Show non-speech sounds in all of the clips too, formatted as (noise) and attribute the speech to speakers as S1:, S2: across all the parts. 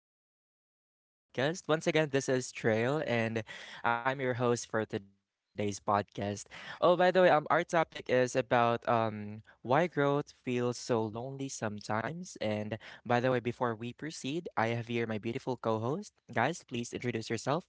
S1: back again to my podcast. Once again, this is Trail, and I'm your host for today's podcast. Oh, by the way, our topic is about why growth feels so lonely sometimes. And by the way, before we proceed, I have here my beautiful co-host. Guys, please introduce yourself.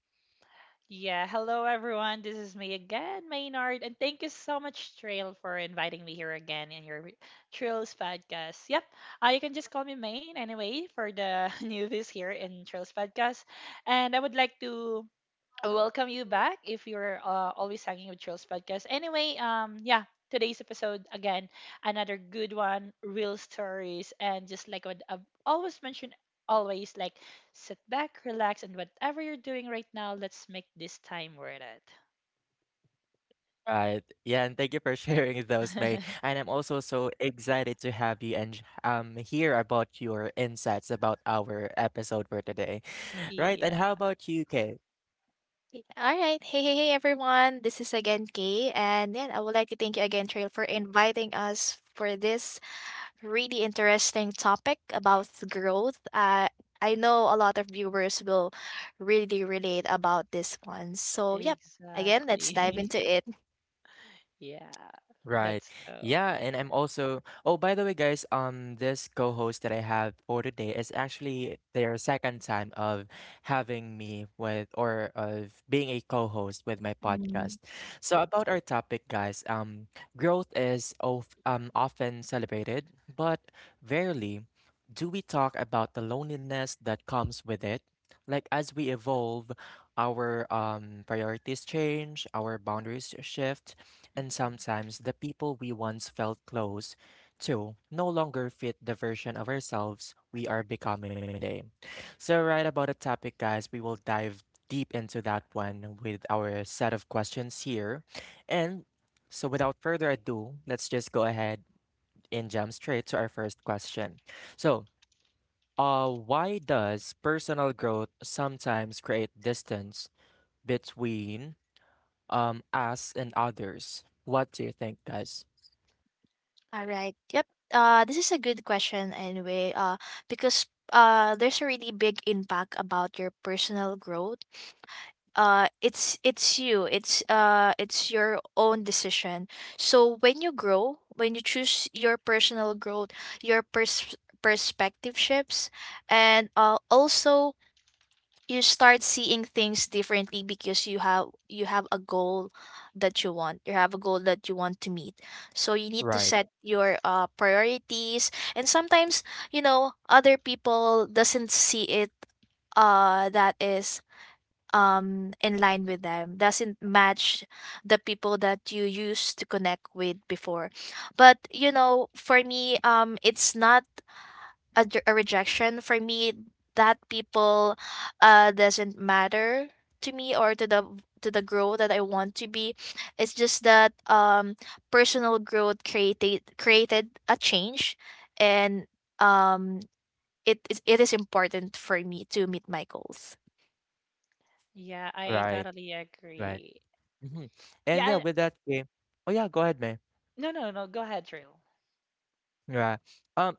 S2: Yeah, hello everyone. This is me again, Maynard, and thank you so much, Trail, for inviting me here again in your Trails podcast. Yep, you can just call me Main anyway for the (laughs) newbies here in Trails podcast. And I would like to I welcome you back if you're always hanging with Trills Podcast. Anyway, yeah, today's episode again, another good one, real stories, and just like what I've always mentioned, always like sit back, relax, and whatever you're doing right now, let's make this time worth it.
S1: Right. Yeah, and thank you for (laughs) sharing those, May. And I'm also so excited to have you and hear about your insights about our episode for today. Right, and
S2: Yeah,
S1: how about you, Kay?
S3: Yeah, all right. Hey, hey, hey, everyone. This is again Kay. And yeah, I would like to thank you again, Trail, for inviting us for this really interesting topic about growth. I know a lot of viewers will really relate about this one. So, yep. Again, let's dive
S2: exactly.
S3: into it.
S2: (laughs) Yeah,
S1: Right.
S2: let's go.
S1: Yeah, and I'm also Oh, by the way, guys, this co-host that I have for today is actually their second time of having me with or of being a co-host with my podcast. So about our topic, guys, growth is of often celebrated, but rarely do we talk about the loneliness that comes with it, like as we evolve, our priorities change, our boundaries shift, and
S2: Mhm.
S1: sometimes the people we once felt close to no longer fit the version of ourselves we are becoming today. So, right about the topic, guys, we will dive deep into that one with our set of questions here. And so, without further ado, let's just go ahead and jump straight to our first question. So, why does personal growth sometimes create distance between us and others? What do you think, guys?
S3: All right. Yep. This is a good question anyway. Because there's a really big impact about your personal growth, it's your own decision. So when you grow, when you choose your personal growth, your perspective shifts, and also you start seeing things differently because you have a goal that you want, you have a goal that you want to meet. So you need to
S1: Right,
S3: set your priorities, and sometimes you know other people doesn't see it, that is in line with them, doesn't match the people that you used to connect with before. But you know, for me, it's not a rejection for me that people doesn't matter to me or to the growth that I want to be. It's just that personal growth created a change, and um it is important for me to meet my goals.
S2: Yeah, I
S1: right,
S2: totally
S1: right.
S2: agree.
S1: hmm
S2: Yeah,
S1: And yeah, with that game. Oh yeah, go ahead, man.
S2: no, no, no, go ahead, Trill.
S1: Yeah. Um.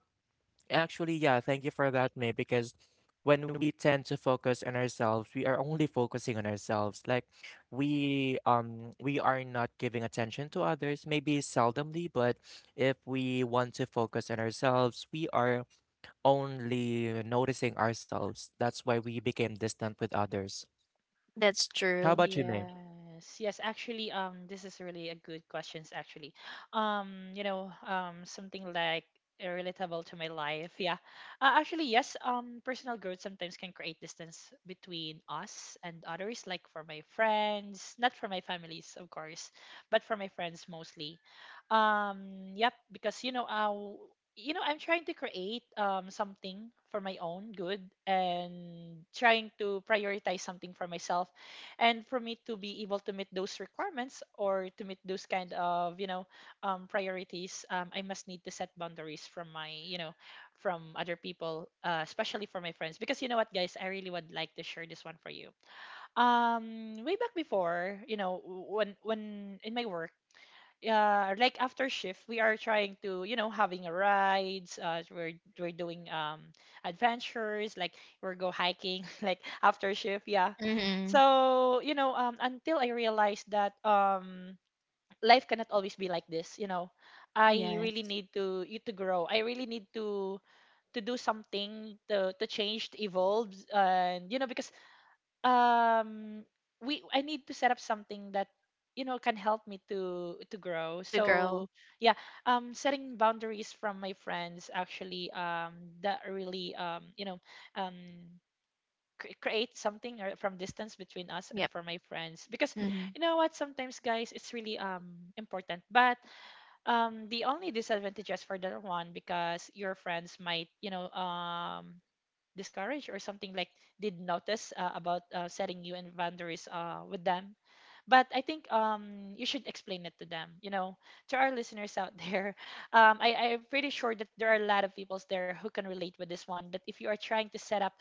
S1: Actually, yeah, thank you for that, May, because when we tend to focus on ourselves, we are only focusing on ourselves. Like, we are not giving attention to others, maybe seldomly, but if we want to focus on ourselves, we are only noticing ourselves. That's why we became distant with others.
S3: That's
S1: How
S3: true.
S1: about you, May?
S2: Yes, yes, actually, this is really a good questions actually. Something like relatable to my life. Yeah. Actually, yes, personal growth sometimes can create distance between us and others, like for my friends, not for my families, of course, but for my friends mostly. Yep, because I'm trying to create something for my own good and trying to prioritize something for myself, and for me to be able to meet those requirements or to meet those kind of, priorities, I must need to set boundaries from my, from other people, especially for my friends. Because you know what, guys, I really would like to share this one for you. Way back before, when in my work, like after shift, we are trying to, having a rides. We're doing adventures, like we're go hiking, (laughs) like after shift, yeah.
S3: Mm-hmm.
S2: So, until I realized that, life cannot always be like this. You know, I really
S3: Yes.
S2: need to you to grow. I really need to do something to change, to evolve, and because um we I need to set up something that, can help me to grow.
S3: The girl.
S2: So yeah, setting boundaries from my friends actually, that really, um create something or from distance between us and
S3: Yep.
S2: for my friends. Because
S3: Hmm.
S2: you know what, sometimes, guys, it's really, important. But the only disadvantages for that one, because your friends might, discouraged or something, like did notice, about, setting you in boundaries, with them. But I think, you should explain it to them, to our listeners out there. (laughs) I'm pretty sure that there are a lot of people there who can relate with this one, that if you are trying to set up,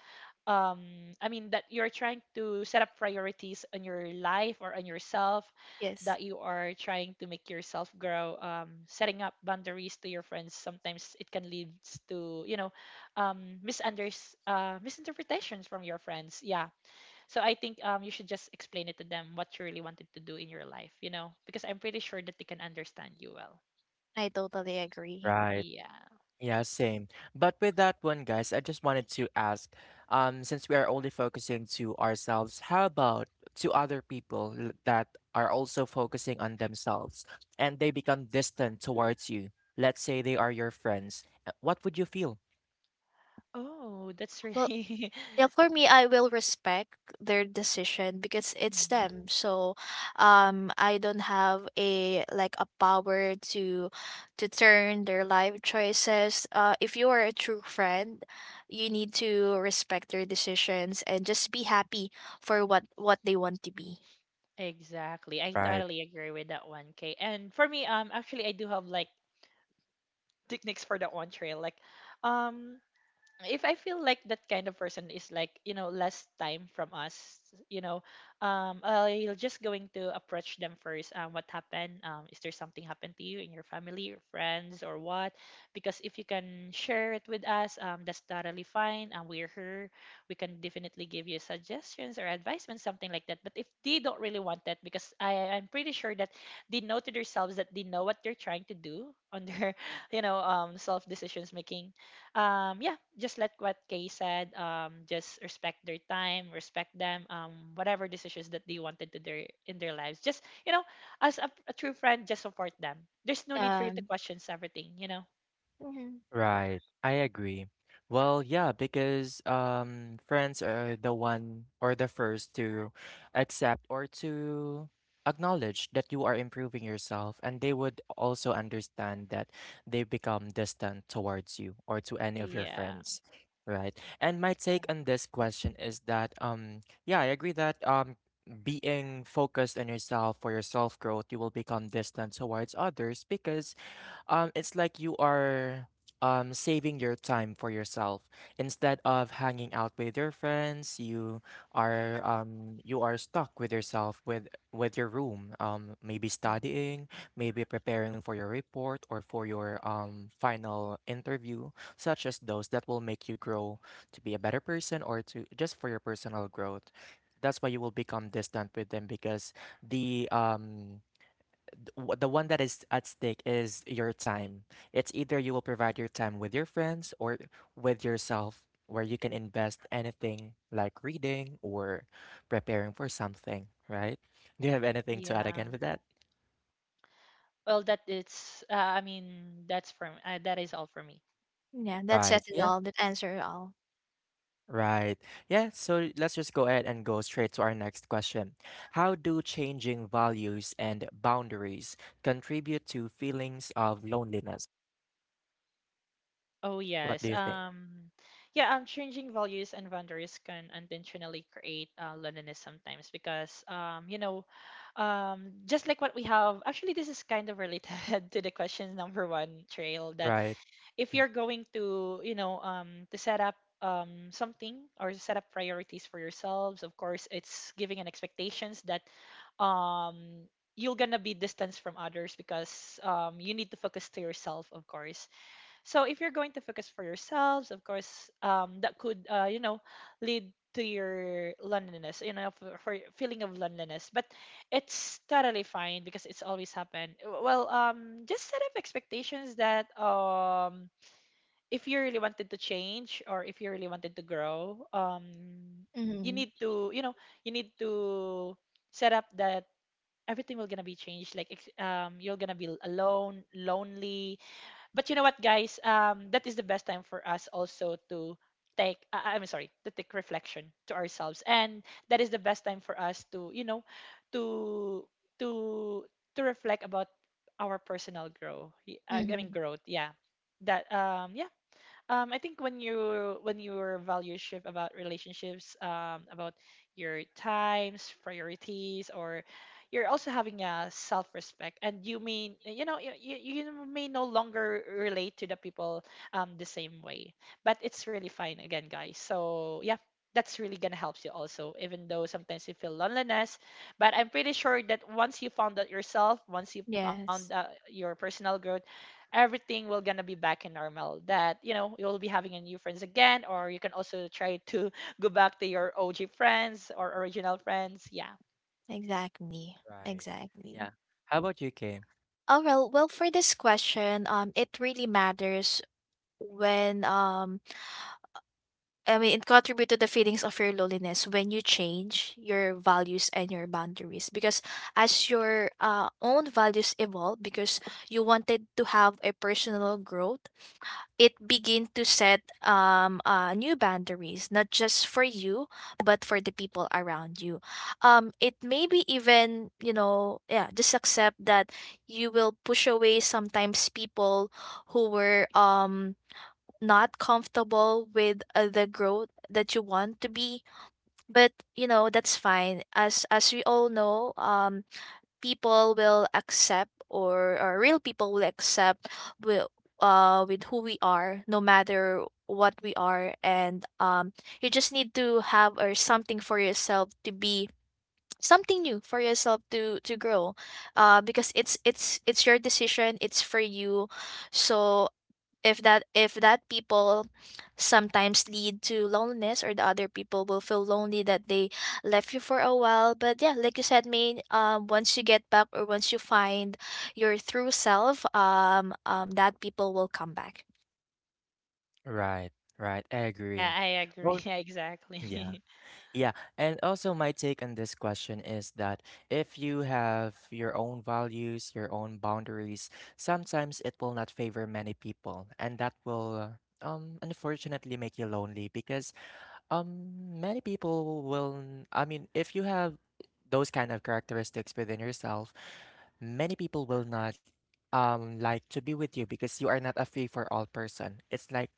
S2: I mean, that you're trying to set up priorities on your life or on yourself,
S3: Yes,
S2: that you are trying to make yourself grow. Setting up boundaries to your friends, sometimes it can lead to, misunders misinterpretations from your friends, yeah. So I think, you should just explain it to them what you really wanted to do in your life, because I'm pretty sure that they can understand you well.
S3: I totally agree.
S1: Right.
S2: Yeah.
S1: Yeah, same. But with that one, guys, I just wanted to ask, since we are only focusing to ourselves, how about to other people that are also focusing on themselves and they become distant towards you? Let's say they are your friends. What would you feel?
S2: Oh, that's
S3: Well,
S2: really
S3: yeah,
S2: (laughs)
S3: for me, I will respect their decision because it's
S2: Mm,
S3: them. So, I don't have a like a power to turn their life choices. If you are a true friend, you need to respect their decisions and just be happy for what they want to be.
S2: exactly. I
S1: Right.
S2: totally agree with that one, K. And for me, actually, I do have like techniques for that one, Trail. Like, um if I feel like that kind of person is like, less time from us, you know, I'll just going to approach them first. What happened? Is there something happened to you in your family or friends or what? Because if you can share it with us, that's totally fine. We're here. We can definitely give you suggestions or advisements, something like that. But if they don't really want that, because I'm pretty sure that they know to themselves, that they know what they're trying to do on their, (laughs) self decisions making. Yeah, just let what Kay said, just respect their time, respect them, whatever decisions that they wanted to their in their lives. Just, you know as a true friend, just support them. There's no need for you to
S3: Um,
S2: question everything.
S3: mhm.
S1: Right, I agree. Well, yeah, because friends are the one or the first to accept or to acknowledge that you are improving yourself, and they would also understand that they become distant towards you or to any of your
S2: Yeah.
S1: friends, right? And my take on
S2: Correct.
S1: this question is that yeah, I agree that being focused on yourself for your self growth, you will become distant towards others because it's like you are saving your time for yourself instead of hanging out with your friends. You are stuck with yourself with your room. Maybe
S2: Mhm.
S1: studying, maybe preparing for your report or for your final interview, such as those that will make you grow to be a better person or to just for your personal growth. That's why you will become distant with them because the um the one that is at stake is your time. It's either you will provide your time with your friends or with yourself, where you can invest anything like reading or preparing for something, right? Do you have anything to add
S2: Yeah,
S1: again with that?
S2: well, that it's, I mean, that's from, that is all for me.
S3: Yeah, that says
S1: Right.
S3: it
S1: Yeah.
S3: all. That answers it all.
S1: Right. Yeah. So let's just go ahead and go straight to our next question. How do changing values and boundaries contribute to feelings of loneliness?
S2: Oh,
S1: What do
S2: yes.
S1: you think?
S2: Yeah, changing values and boundaries can unintentionally create, loneliness sometimes. Because, just like what we have, actually, this is kind of related (laughs) to the question number one, Trail, that
S1: Right.
S2: if you're going to, to set up, something, or set up priorities for yourselves, of course it's giving an expectations that, um you're gonna be distanced from others, because you need to focus to yourself, of course. So if you're going to focus for yourselves, of course, that could, lead to your loneliness, for your feeling of loneliness. But it's totally fine, because it's always happened. Well, just set up expectations that, if you really wanted to change, or if you really wanted to grow, you
S3: Mm-hmm.
S2: need to you know you need to set up that everything will gonna be changed. Like, you're gonna be alone, lonely, but you know what, guys? That is the best time for us also to take. I'm sorry, to take reflection to ourselves, and that is the best time for us to, you know, to to to reflect about our personal growth. I
S3: Mm-hmm.
S2: mean, growth. Yeah. That, yeah, I think when your values shift about relationships, about your times, priorities, or you're also having a self-respect, and you mean you know you, you you may no longer relate to the people, the same way, but it's really fine again, guys. So yeah. That's really gonna help you also, even though sometimes you feel loneliness. But I'm pretty sure that once you found out yourself, once you found,
S3: Yes,
S2: your personal growth, everything will gonna be back in normal, that, you'll be having a new friends again, or you can also try to (laughs) go back to your og friends or original friends, yeah.
S3: exactly,
S1: Right.
S3: exactly.
S1: Yeah. How about you, Kim?
S3: Oh well, well for this question, it really matters when I mean it contribute to the feelings of your loneliness when you change your values and your boundaries, because as your own values evolve, because you wanted to have a personal growth, it begin to set new boundaries not just for you but for the people around you. It may be even you know, yeah, just accept that you will push away sometimes people who were not comfortable with the growth that you want to be. But you know, that's fine. As we all know, people will accept, or real people will accept, will with who we are no matter what we are. And you just need to have or something for yourself to be something new for yourself to grow, because it's your decision, it's for you. So if that people sometimes lead to loneliness, or the other people will feel lonely that they left you for a while. But yeah, like you said, main, once you get back, or once you find your true self, um, that people will come back.
S1: Right, right. I agree.
S2: Yeah, I agree.
S1: Well,
S2: (laughs) Yeah,
S1: yeah,
S2: exactly.
S1: yeah. And also, my take on this question is that if you have your own values, your own boundaries, sometimes it will not favor many people, and that will, unfortunately make you lonely because many people will, I mean, if you have those kind of characteristics within yourself, many people will not like to be with you because you are not a free for all person. It's like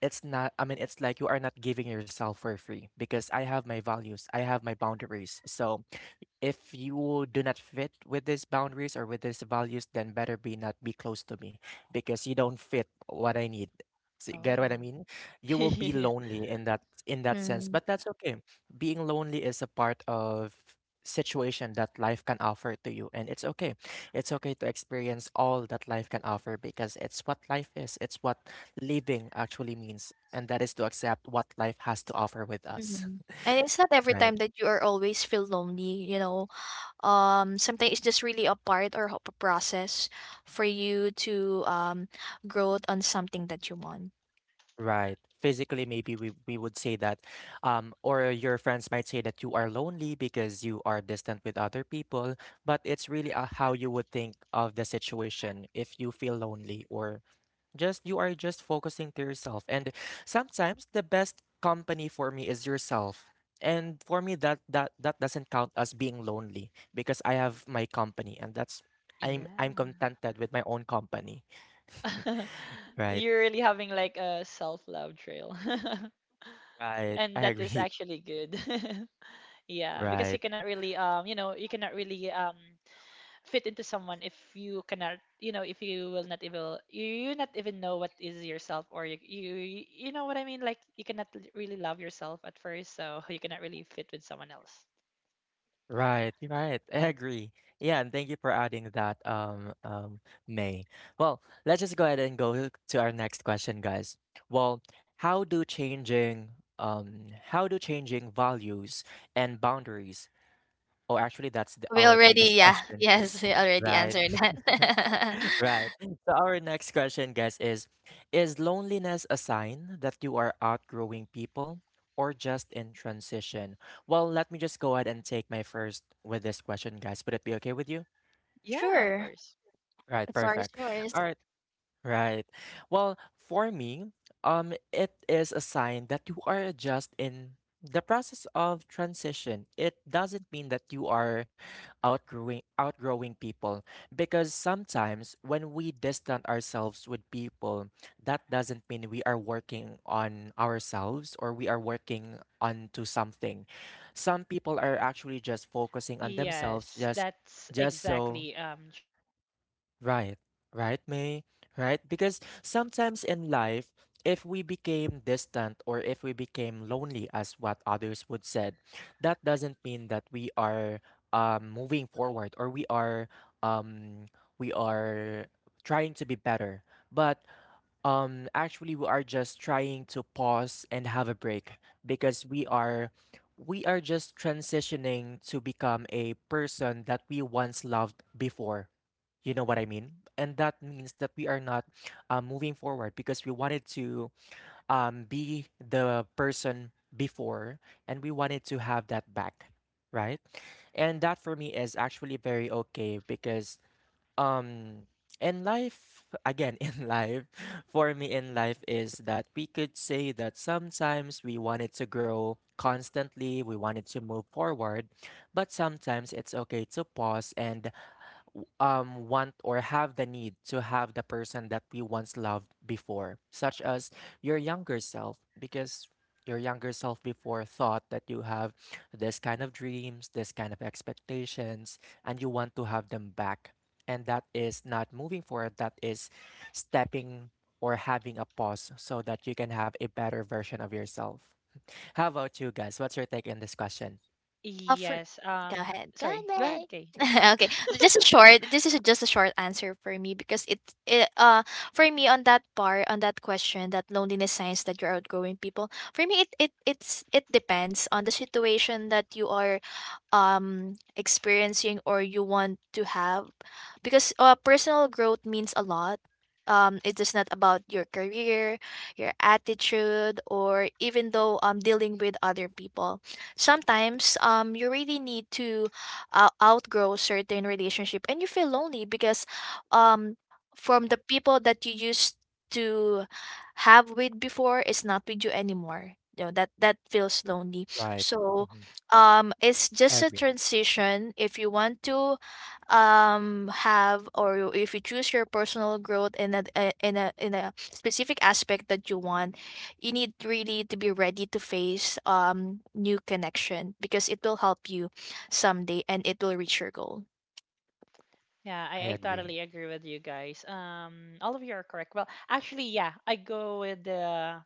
S1: it's not, I mean, it's like you are not giving yourself for free because I have my values, I have my boundaries. So if you do not fit with these boundaries or with these values, then better be not be close to me because you don't fit what I need. So
S2: (laughs)
S1: you get what I
S2: Oh.
S1: mean?
S2: (laughs)
S1: You will be
S2: Yeah.
S1: lonely in that sense,
S3: Mm-hmm.
S1: but that's okay. Being lonely is a part of situation that life can offer to you, and it's okay. It's okay to experience all that life can offer because it's what life is. It's what living actually means, and that is to accept what life has to offer with us.
S3: And it's not every
S1: Right.
S3: time that you are always feel lonely, you know. Sometimes it's just really a part or a process for you to grow on something that you want.
S1: Right. Physically, maybe we would say that, or your friends might say that you are lonely because you are distant with other people, but it's really how you would think of the situation if you feel lonely or just you are just focusing to yourself. And sometimes the best company for me is yourself. And for me, that doesn't count as being lonely because I have my company, and that's I'm contented with my own company. (laughs)
S2: (laughs)
S1: Right.
S2: You're really having like a self-love, Trail. (laughs)
S1: Right.
S2: And
S1: I
S2: that is
S1: agree.
S2: actually good. (laughs)
S1: (laughs)
S2: Yeah, because you
S1: Right.
S2: cannot really, fit into someone, if you cannot, if you will not even, you not even know what is yourself, or you you know what I mean. Like, you cannot really love yourself at first, so (laughs) you cannot really fit with someone else.
S1: Right, right. I agree. Yeah, and thank you for adding that, May. Well, let's just go ahead and go to our next question, guys. Well, how do changing, how do changing values and boundaries, oh, actually, that's
S3: We
S1: our previous
S3: already, yeah, (laughs)
S1: question.
S3: yes, we
S1: (laughs)
S3: already
S1: Right.
S3: answered that.
S1: Right. So our next question, guys, is loneliness a sign that you are outgrowing people or just in transition? Well, let me just go ahead and take my first with this question, guys. Would it be okay with you?
S3: (laughs)
S2: Yeah, of
S3: Sure,
S2: course.
S1: Right,
S3: the floor is
S1: perfect.
S3: yours.
S1: All right. Right. Well, for me, it is a sign that you are just in the process of transition. It doesn't mean that you are outgrowing people because sometimes when we distance ourselves with people, that doesn't mean we are working on ourselves or we are working onto something. Some people are actually just focusing on themselves
S2: Yes, that's
S1: just so
S2: exactly, true.
S1: Right,
S2: And yeah,
S1: right,
S2: you know
S1: May,
S2: what,
S1: right? Because sometimes
S2: sometimes
S1: in life,
S2: it
S1: if
S2: could,
S1: we became distant or if we
S2: it could.
S1: became lonely, as what others would said, that doesn't mean that we are moving forward or we are um, we are trying to be better. But actually, we are just trying to pause and have a break because we are just transitioning to become a person that we once loved before, you know what I mean? And that means that we are not moving forward because we wanted to be the person before and we wanted to have that back, right? And that for me is actually very okay because um, in life, again, (laughs) in life, for me in life is that we could say that sometimes we wanted to grow constantly, we wanted to move forward, but sometimes it's okay to pause and want or have the need to have the person that we once loved before, such as your younger self, because your younger self before thought that you have this kind of dreams, this kind of expectations, and you want to have them back. And that is not moving forward, that is stepping or having a pause so that you can have a better version of yourself. How about you guys? What's your take on this question?
S3: Uh, for,
S2: Yes,
S3: Go ahead, go ahead,
S2: sorry, go ahead,
S3: babe.
S2: Kay.
S3: (laughs) Okay, just a short. This is just a short answer for me because it, uh, for me on that part, on that question, that loneliness signs that you're outgrowing people. For me, it depends on the situation that you are experiencing or you want to have, because personal growth means a lot. It's just not about your career, your attitude, or even though dealing with other people. Sometimes you really need to outgrow certain relationship, and you feel lonely because um from the people that you used to have with before is not with you anymore. You know, that that feels lonely.
S1: Right.
S3: So
S1: hmm
S3: it's
S1: I
S3: just a
S1: agree.
S3: transition. If you want to have, if you choose your personal growth in a in a specific aspect that you want, you need really to be ready to face new connection because it will help you someday, and it will reach your goal.
S2: Yeah,
S1: I
S2: I
S1: agree.
S2: totally agree with you guys. All of you are correct. Well, actually, yeah, I go with the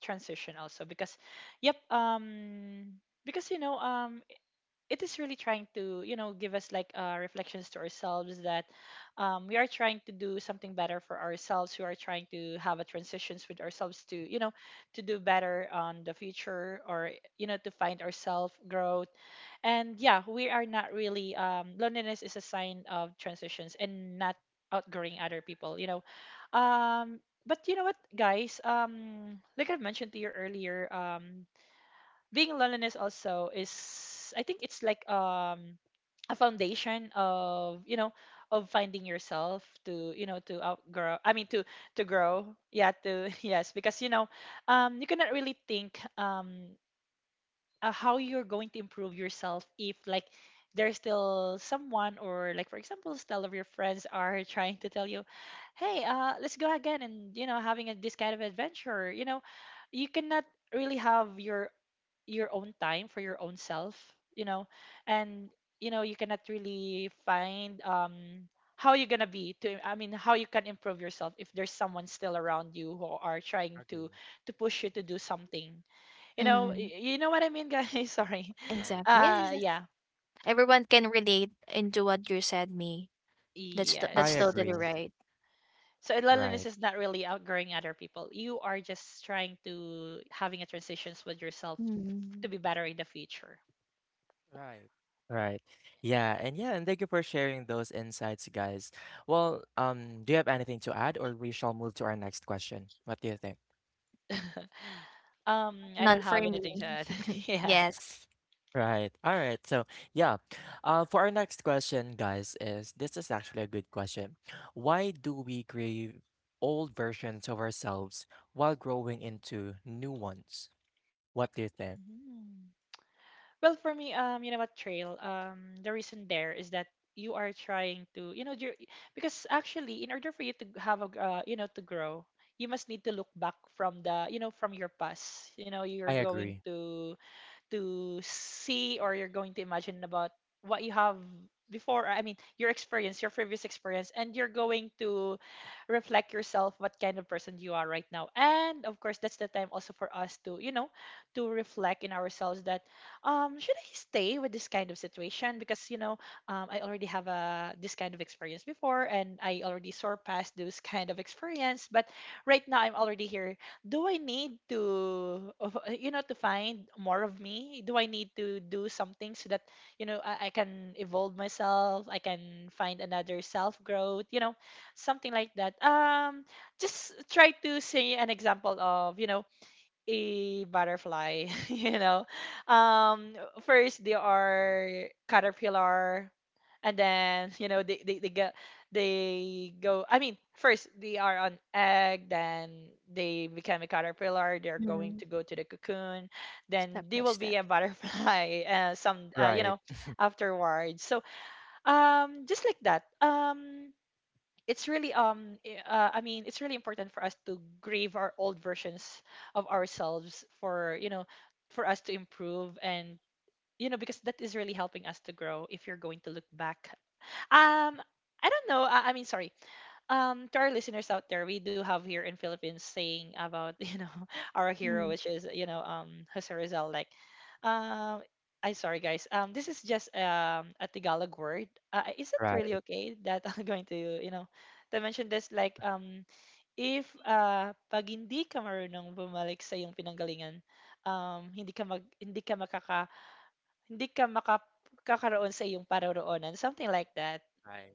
S2: transition also, because, yep, because it is really trying to, give us like, reflections to ourselves, that, we are trying to do something better for ourselves. We are trying to have a transitions with ourselves, to, to do better on the future, or, to find ourselves growth. And yeah, we are not really, loneliness is a sign of transitions and not outgrowing other people. Um but you know what, guys, like I mentioned to you earlier, being loneliness also is, I think, it's like, a foundation of, of finding yourself, to, to outgrow, I mean, to grow, yeah. To (laughs) yes, because, you cannot really think how you're going to improve yourself, if like there's still someone, or like, for example, still of your friends are trying to tell you, hey, let's go again, and, having this kind of adventure, you cannot really have your own time for your own self, you know and you cannot really find, how you're gonna be to, I mean, how you can improve yourself, if there's someone still around you who are trying to
S1: Agree.
S2: to push you to do something.
S3: Mhm.
S2: You know what I mean, guys. (laughs)
S1: Right.
S2: Sorry.
S1: Right.
S3: Exactly.
S1: Yes.
S3: Yes, yes.
S2: Yeah,
S3: Everyone can relate into what you said, me.
S1: I
S3: That's
S2: yes.
S3: totally
S1: agree.
S3: right.
S2: So loneliness
S1: Right.
S2: is not really outgrowing other people. You are just trying to having a transitions with yourself to
S3: Mm.
S2: be better in the future.
S1: Right. Right. Yeah, and yeah, and thank you for sharing those insights, guys. Well, do you have anything to add, or we shall move to our next question? What do you think?
S2: (laughs) I don't
S3: None for
S2: have anything
S3: me.
S2: to add. (laughs) Yeah.
S3: Yes.
S1: Right. All right. So, yeah, for our next question, guys, is this is actually a good question. Why do we crave old versions of ourselves while growing into new ones? What do you think?
S2: Mhm. Well, for me, you know what, Trail. The reason there is that you are trying to, you know, because actually, in order for you to have a, you know, to grow, you must need to look back from from your past. You know, you're
S1: I
S2: going
S1: agree.
S2: to see, or you're going to imagine about what you have before, your experience, your previous experience, and you're going to reflect yourself what kind of person you are right now. And of course, that's the time also for us to, you know, to reflect in ourselves that should I stay with this kind of situation? Because you know, I already have a this kind of experience before and I already surpassed those kind of experience. But right now I'm already here. Do I need to, you know, to find more of me? Do I need to do something so that, you know, I can evolve myself? I can find another self growth, you know, something like that. Just try to say an example of, you know, a butterfly (laughs) you know, um first they are caterpillar. And then, you know, they get, they go, first they are on egg, then they become a caterpillar, they're going
S3: Mm.
S2: to go to the cocoon, then
S3: Step
S2: they
S3: by
S2: will be
S3: step.
S2: a butterfly. (laughs) Some You
S1: Right.
S2: know, afterwards. So just like that. It's really it's really important for us to grieve our old versions of ourselves for, you know, for us to improve. And you know, because that is really helping us to grow if you're going to look back. um I don't know, I mean, sorry. To our listeners out there, we do have here in Philippines saying about (laughs) you know, our hero,
S3: Mm.
S2: which is, you know, Jose Rizal. Like, um I'm sorry guys, this is just a Tagalog word. Is it really
S1: Right.
S2: okay that (laughs) I'm going to, you know, to mention this? Like,
S1: Uh,
S2: if pag hindi ka marunong bumalik sa iyong pinanggalingan, hindi ka makaka, hindi ka makakakaroon sa iyong paroroonan, something like that.
S1: right.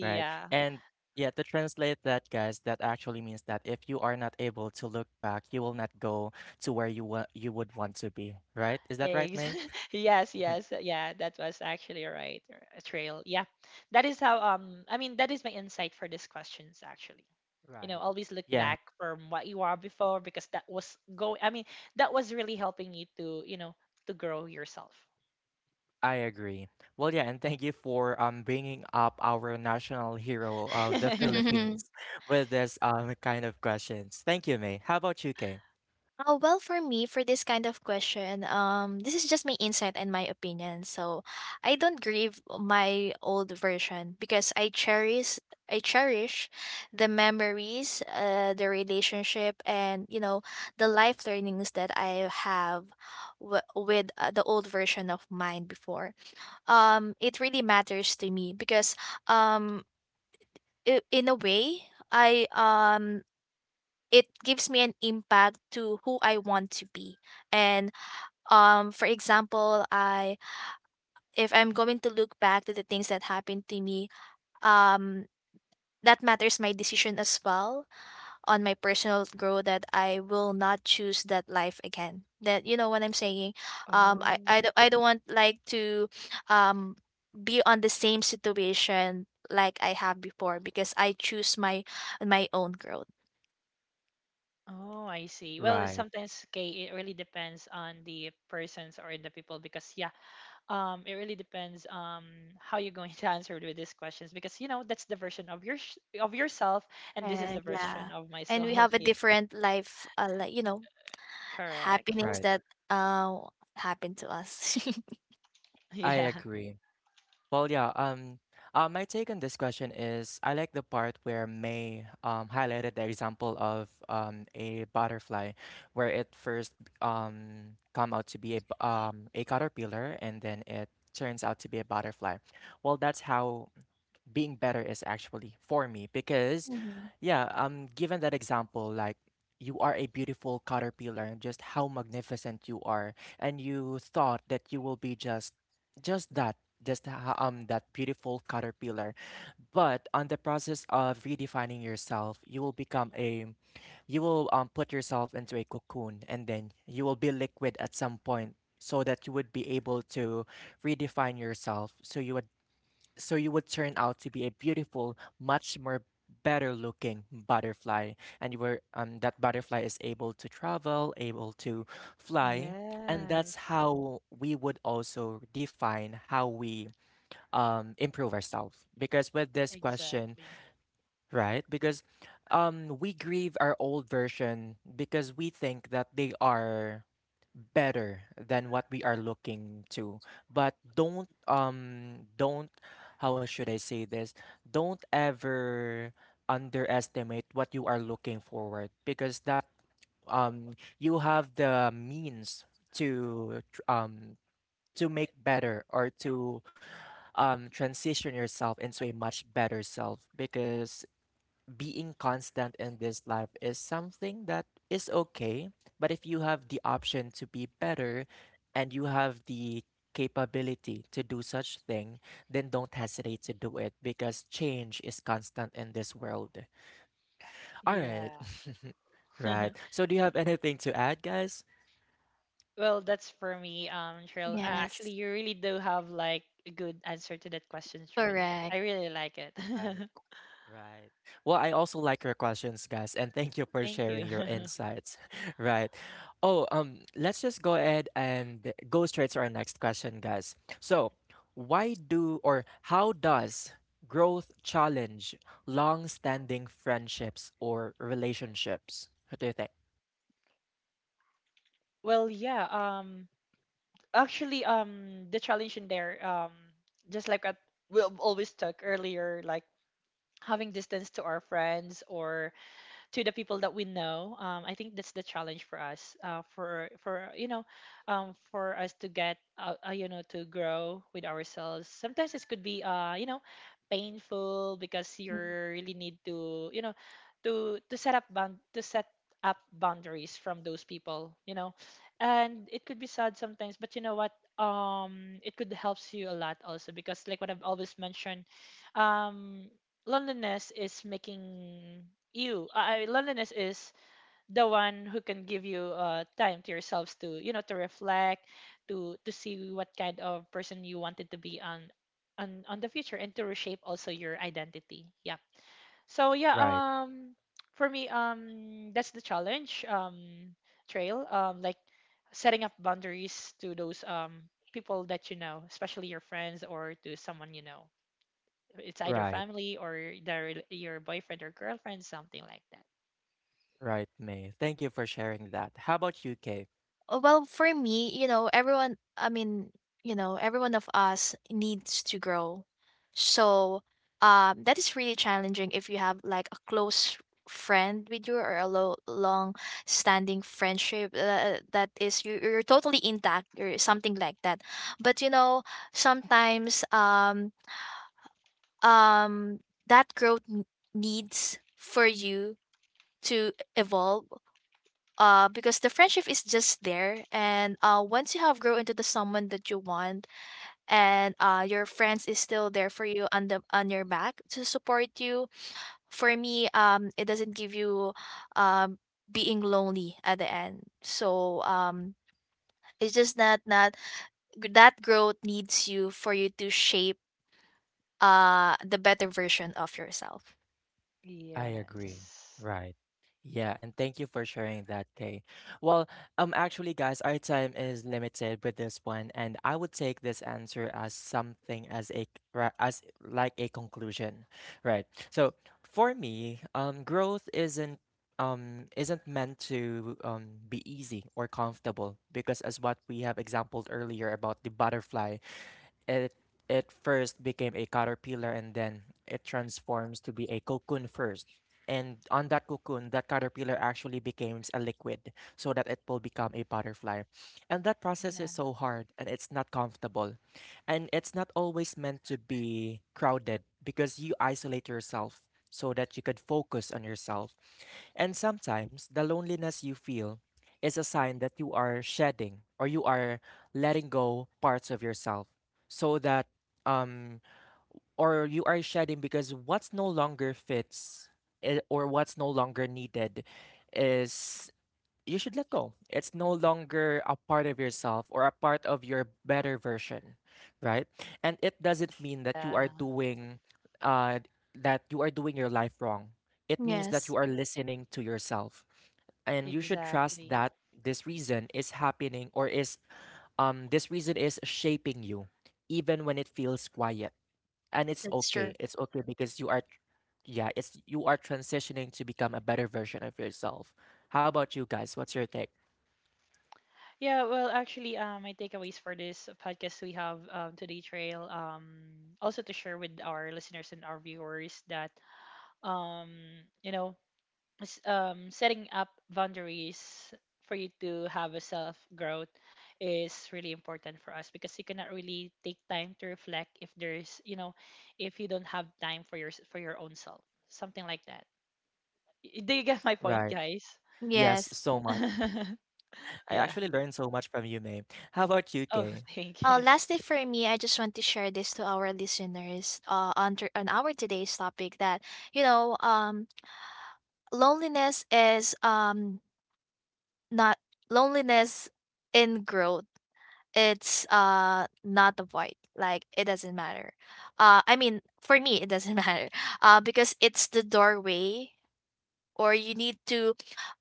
S1: Right. And yeah, to translate that, guys, that actually means that if you are not able to look back, you will not go to where you you would want to be, right? Is that right,
S2: Eggs.
S1: May?
S2: (laughs) Yes,
S1: (laughs)
S2: yes. Yeah, that was actually right. Or a trail. Yeah. That is how, I mean, that is my insight for these questions actually. You know,
S1: Right.
S2: always look
S1: Yeah,
S2: back from what you are before, because that was go. I mean, that was really helping you to, you know, to grow yourself.
S1: I agree. Well, yeah, and thank you for bringing up our national hero of the
S2: (laughs)
S3: (laughs)
S1: Philippines (laughs) with this kind of questions. Thank you, May. How about you, Kay?
S3: Well, for me, for this kind of question, this is just my insight and my opinion. So, I don't grieve my old version because I cherish the memories, the relationship, and you know, the life learnings that I have with the old version of mine before. It really matters to me because, um, in a way, I it gives me an impact to who I want to be. And for example, I if I'm going to look back to the things that happened to me, um that matters my decision as well on my personal growth, that I will not choose that life again. That, you know what I'm saying? Um,
S2: Oh.
S3: I don't want like to um be on the same situation like I have before, because I choose my my own growth.
S2: Oh, I see. Well, it's
S1: Right,
S2: sometimes okay, it really depends on the persons or the people, because yeah, it really depends. How you're going (laughs) to answer with these questions, because you know, that's the version of your of yourself, and this is
S3: And
S2: the
S3: yeah,
S2: version of
S3: and we
S2: myself.
S3: have a
S2: (laughs) Yeah.
S3: different life, like you know,
S2: Correct.
S3: happenings
S1: right.
S3: that uh happened to us. (laughs)
S2: (laughs)
S1: I
S2: Yeah.
S1: agree. Well, yeah. My take on this question is I like the part where May highlighted the example of a butterfly, where it first come out to be a caterpillar, and then it turns out to be a butterfly. Well, that's how being better is actually for me because
S3: Mhm.
S1: yeah, given that example, like you are a beautiful caterpillar and just how magnificent you are, and you thought that you will be just just that just that beautiful caterpillar. But on the process of redefining yourself, you will become a, you will put yourself into a cocoon and then you will be liquid at some point, so that you would be able to redefine yourself, so you would, so you would turn out to be a beautiful, much more better looking butterfly. And you were that butterfly is able to travel, able to fly. And that's
S2: Yes,
S1: how we would also define how we improve ourselves. Because with this question,
S2: exactly.
S1: right? Because we grieve our old version because we think that they are better than what we are looking to, but don't, how should I say this, don't ever underestimate what you are looking forward, because that um you have the means to to make better, or to transition yourself into a much better self, because being constant in this life is something that is okay, but if you have the option to be better and you have the capability to do such thing, then don't hesitate to do it, because change is constant in this world. All
S2: Yeah.
S1: right. (laughs) Right.
S2: (laughs)
S1: So do you have anything to add, guys?
S2: Well, that's for me, Cheryl. Actually,
S3: Yes,
S2: you really do have like a good answer to that question, Cheryl.
S3: correct.
S2: I really like it.
S1: Right. Well, I also like your questions, guys, and thank you
S2: (laughs)
S1: for
S2: Thank you.
S1: sharing your
S2: (laughs)
S1: insights. (laughs) Right. Oh, let's just go ahead and go straight to our next question, guys. So, why do, or how does growth challenge long-standing friendships or relationships? What do you think?
S2: Well, yeah, actually, the challenge in there, just like at we always talk earlier, like having distance to our friends or to the people that we know. I think that's the challenge for us, for you know, for us to get you know, to grow with ourselves. Sometimes it could be, you know, painful, because you really need to, you know, to set up bound, to set up boundaries from those people, you know. And it could be sad sometimes, but you know what, it could helps you a lot also, because like what I've always mentioned, um loneliness is making you loneliness is the one who can give you time to yourselves, to you know, to reflect, to see what kind of person you wanted to be on on the future, and to reshape also your identity. Yeah. So yeah,
S1: Right.
S2: for me, that's the challenge, trail, like setting up boundaries to those people that you know, especially your friends, or to someone you know, it's either
S1: Right.
S2: family or the your boyfriend or girlfriend, something like that.
S1: Right, May. Thank you for sharing that. How about you, Kay?
S3: Well, for me, you know, everyone, I mean, you know, everyone of us needs to grow. So, that is really challenging if you have like a close friend with you, or a long standing friendship that is you you're totally intact or something like that. But you know, sometimes um that growth needs for you to evolve, because the friendship is just there. And once you have grown into the someone that you want, and your friends is still there for you on the on your back to support you, for me, it doesn't give you um being lonely at the end. So it's just that not that growth needs you for you to shape the better version of yourself.
S1: I agree.
S2: Yes.
S1: Right. Yeah, and thank you for sharing that, Kay. Well, actually guys, our time is limited with this one and I would take this answer as something as a as like a conclusion. Right. So, for me, growth isn't meant to be easy or comfortable, because as what we have exampled earlier about the butterfly, it it first became a caterpillar and then it transforms to be a cocoon first, and on that cocoon that caterpillar actually becomes a liquid so that it will become a butterfly. And that process is
S2: Yeah.
S1: so hard and it's not comfortable, and it's not always meant to be crowded because you isolate yourself so that you could focus on yourself. And sometimes the loneliness you feel is a sign that you are shedding, or you are letting go parts of yourself, so that um or you are shedding because what's no longer fits, eh, or what's no longer needed is, you should let go. It's no longer a part of yourself or a part of your better version, right? And it doesn't mean that you
S2: Yeah,
S1: are doing uh that you are doing your life wrong. It means that
S3: Yes,
S1: you are listening to yourself. And you should trust
S2: exactly.
S1: that this reason is happening or is this reason is shaping you, even when it feels quiet. And it's
S3: that's true.
S1: okay. It's okay because yeah, it's, you are transitioning to become a better version of yourself. How about you guys? What's your take?
S2: Yeah, well, actually, my takeaways for this podcast we have today, Trail, also to share with our listeners and our viewers that, um, you know, setting up boundaries for you to have a self growth is really important for us, because you cannot really take time to reflect if there's, you know, if you don't have time for your own self, something like that. Do you get my point,
S1: Right.
S2: guys?
S1: Yes,
S3: Yes.
S1: so much.
S2: (laughs)
S1: I
S2: Yeah.
S1: actually learned so much from you, May. How about you,
S2: Oh.
S1: Kay?
S2: (laughs) Thank you.
S3: Lastly, for me, I just want to share this to our listeners on our today's topic that, you know, loneliness is not loneliness in growth. It's not a void. Like, it doesn't matter. I mean, for me, it doesn't (laughs) matter because it's the doorway, or you need to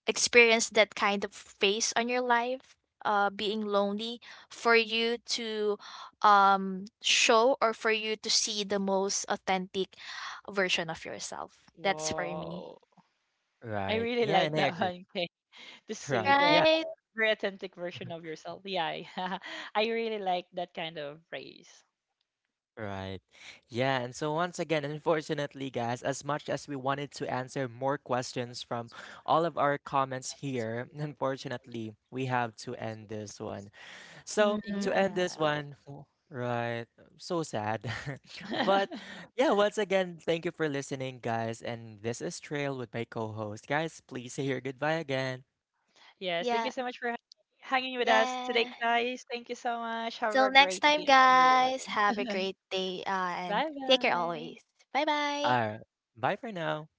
S3: experienced that kind of phase on your life, being lonely, for you to show, or for you to see the most authentic version of yourself. That's for me.
S2: Whoa. I
S1: Right.
S2: really
S1: Yeah,
S2: like
S1: and I
S2: that
S1: agree. (laughs)
S2: one. (laughs) Okay, to see
S1: Right.
S2: the
S1: Yeah.
S3: Right?
S2: very authentic version of yourself. Yeah. (laughs) I really like that kind of phrase.
S1: Right. Yeah. And so, once again, unfortunately, guys, as much as we wanted to answer more questions from all of our comments here, (laughs) unfortunately, we have to end this one. So to end
S3: Mhm.
S1: this
S2: Yeah.
S1: one, right? I'm so sad. (laughs) But
S2: (laughs)
S1: yeah, once again, thank you for listening, guys. And this is Trail with my co host. Guys, please say your goodbye again.
S2: Yes, thank you
S3: Yeah.
S2: so much for hanging with us today,
S3: Yeah.
S2: guys. Thank you so much. Have
S3: Till
S2: a
S3: next
S2: great
S3: time,
S2: day, everyone.
S3: guys. Have a great day and
S2: Bye
S3: take care
S2: bye.
S3: always. Bye bye.
S1: Uh, Bye for now.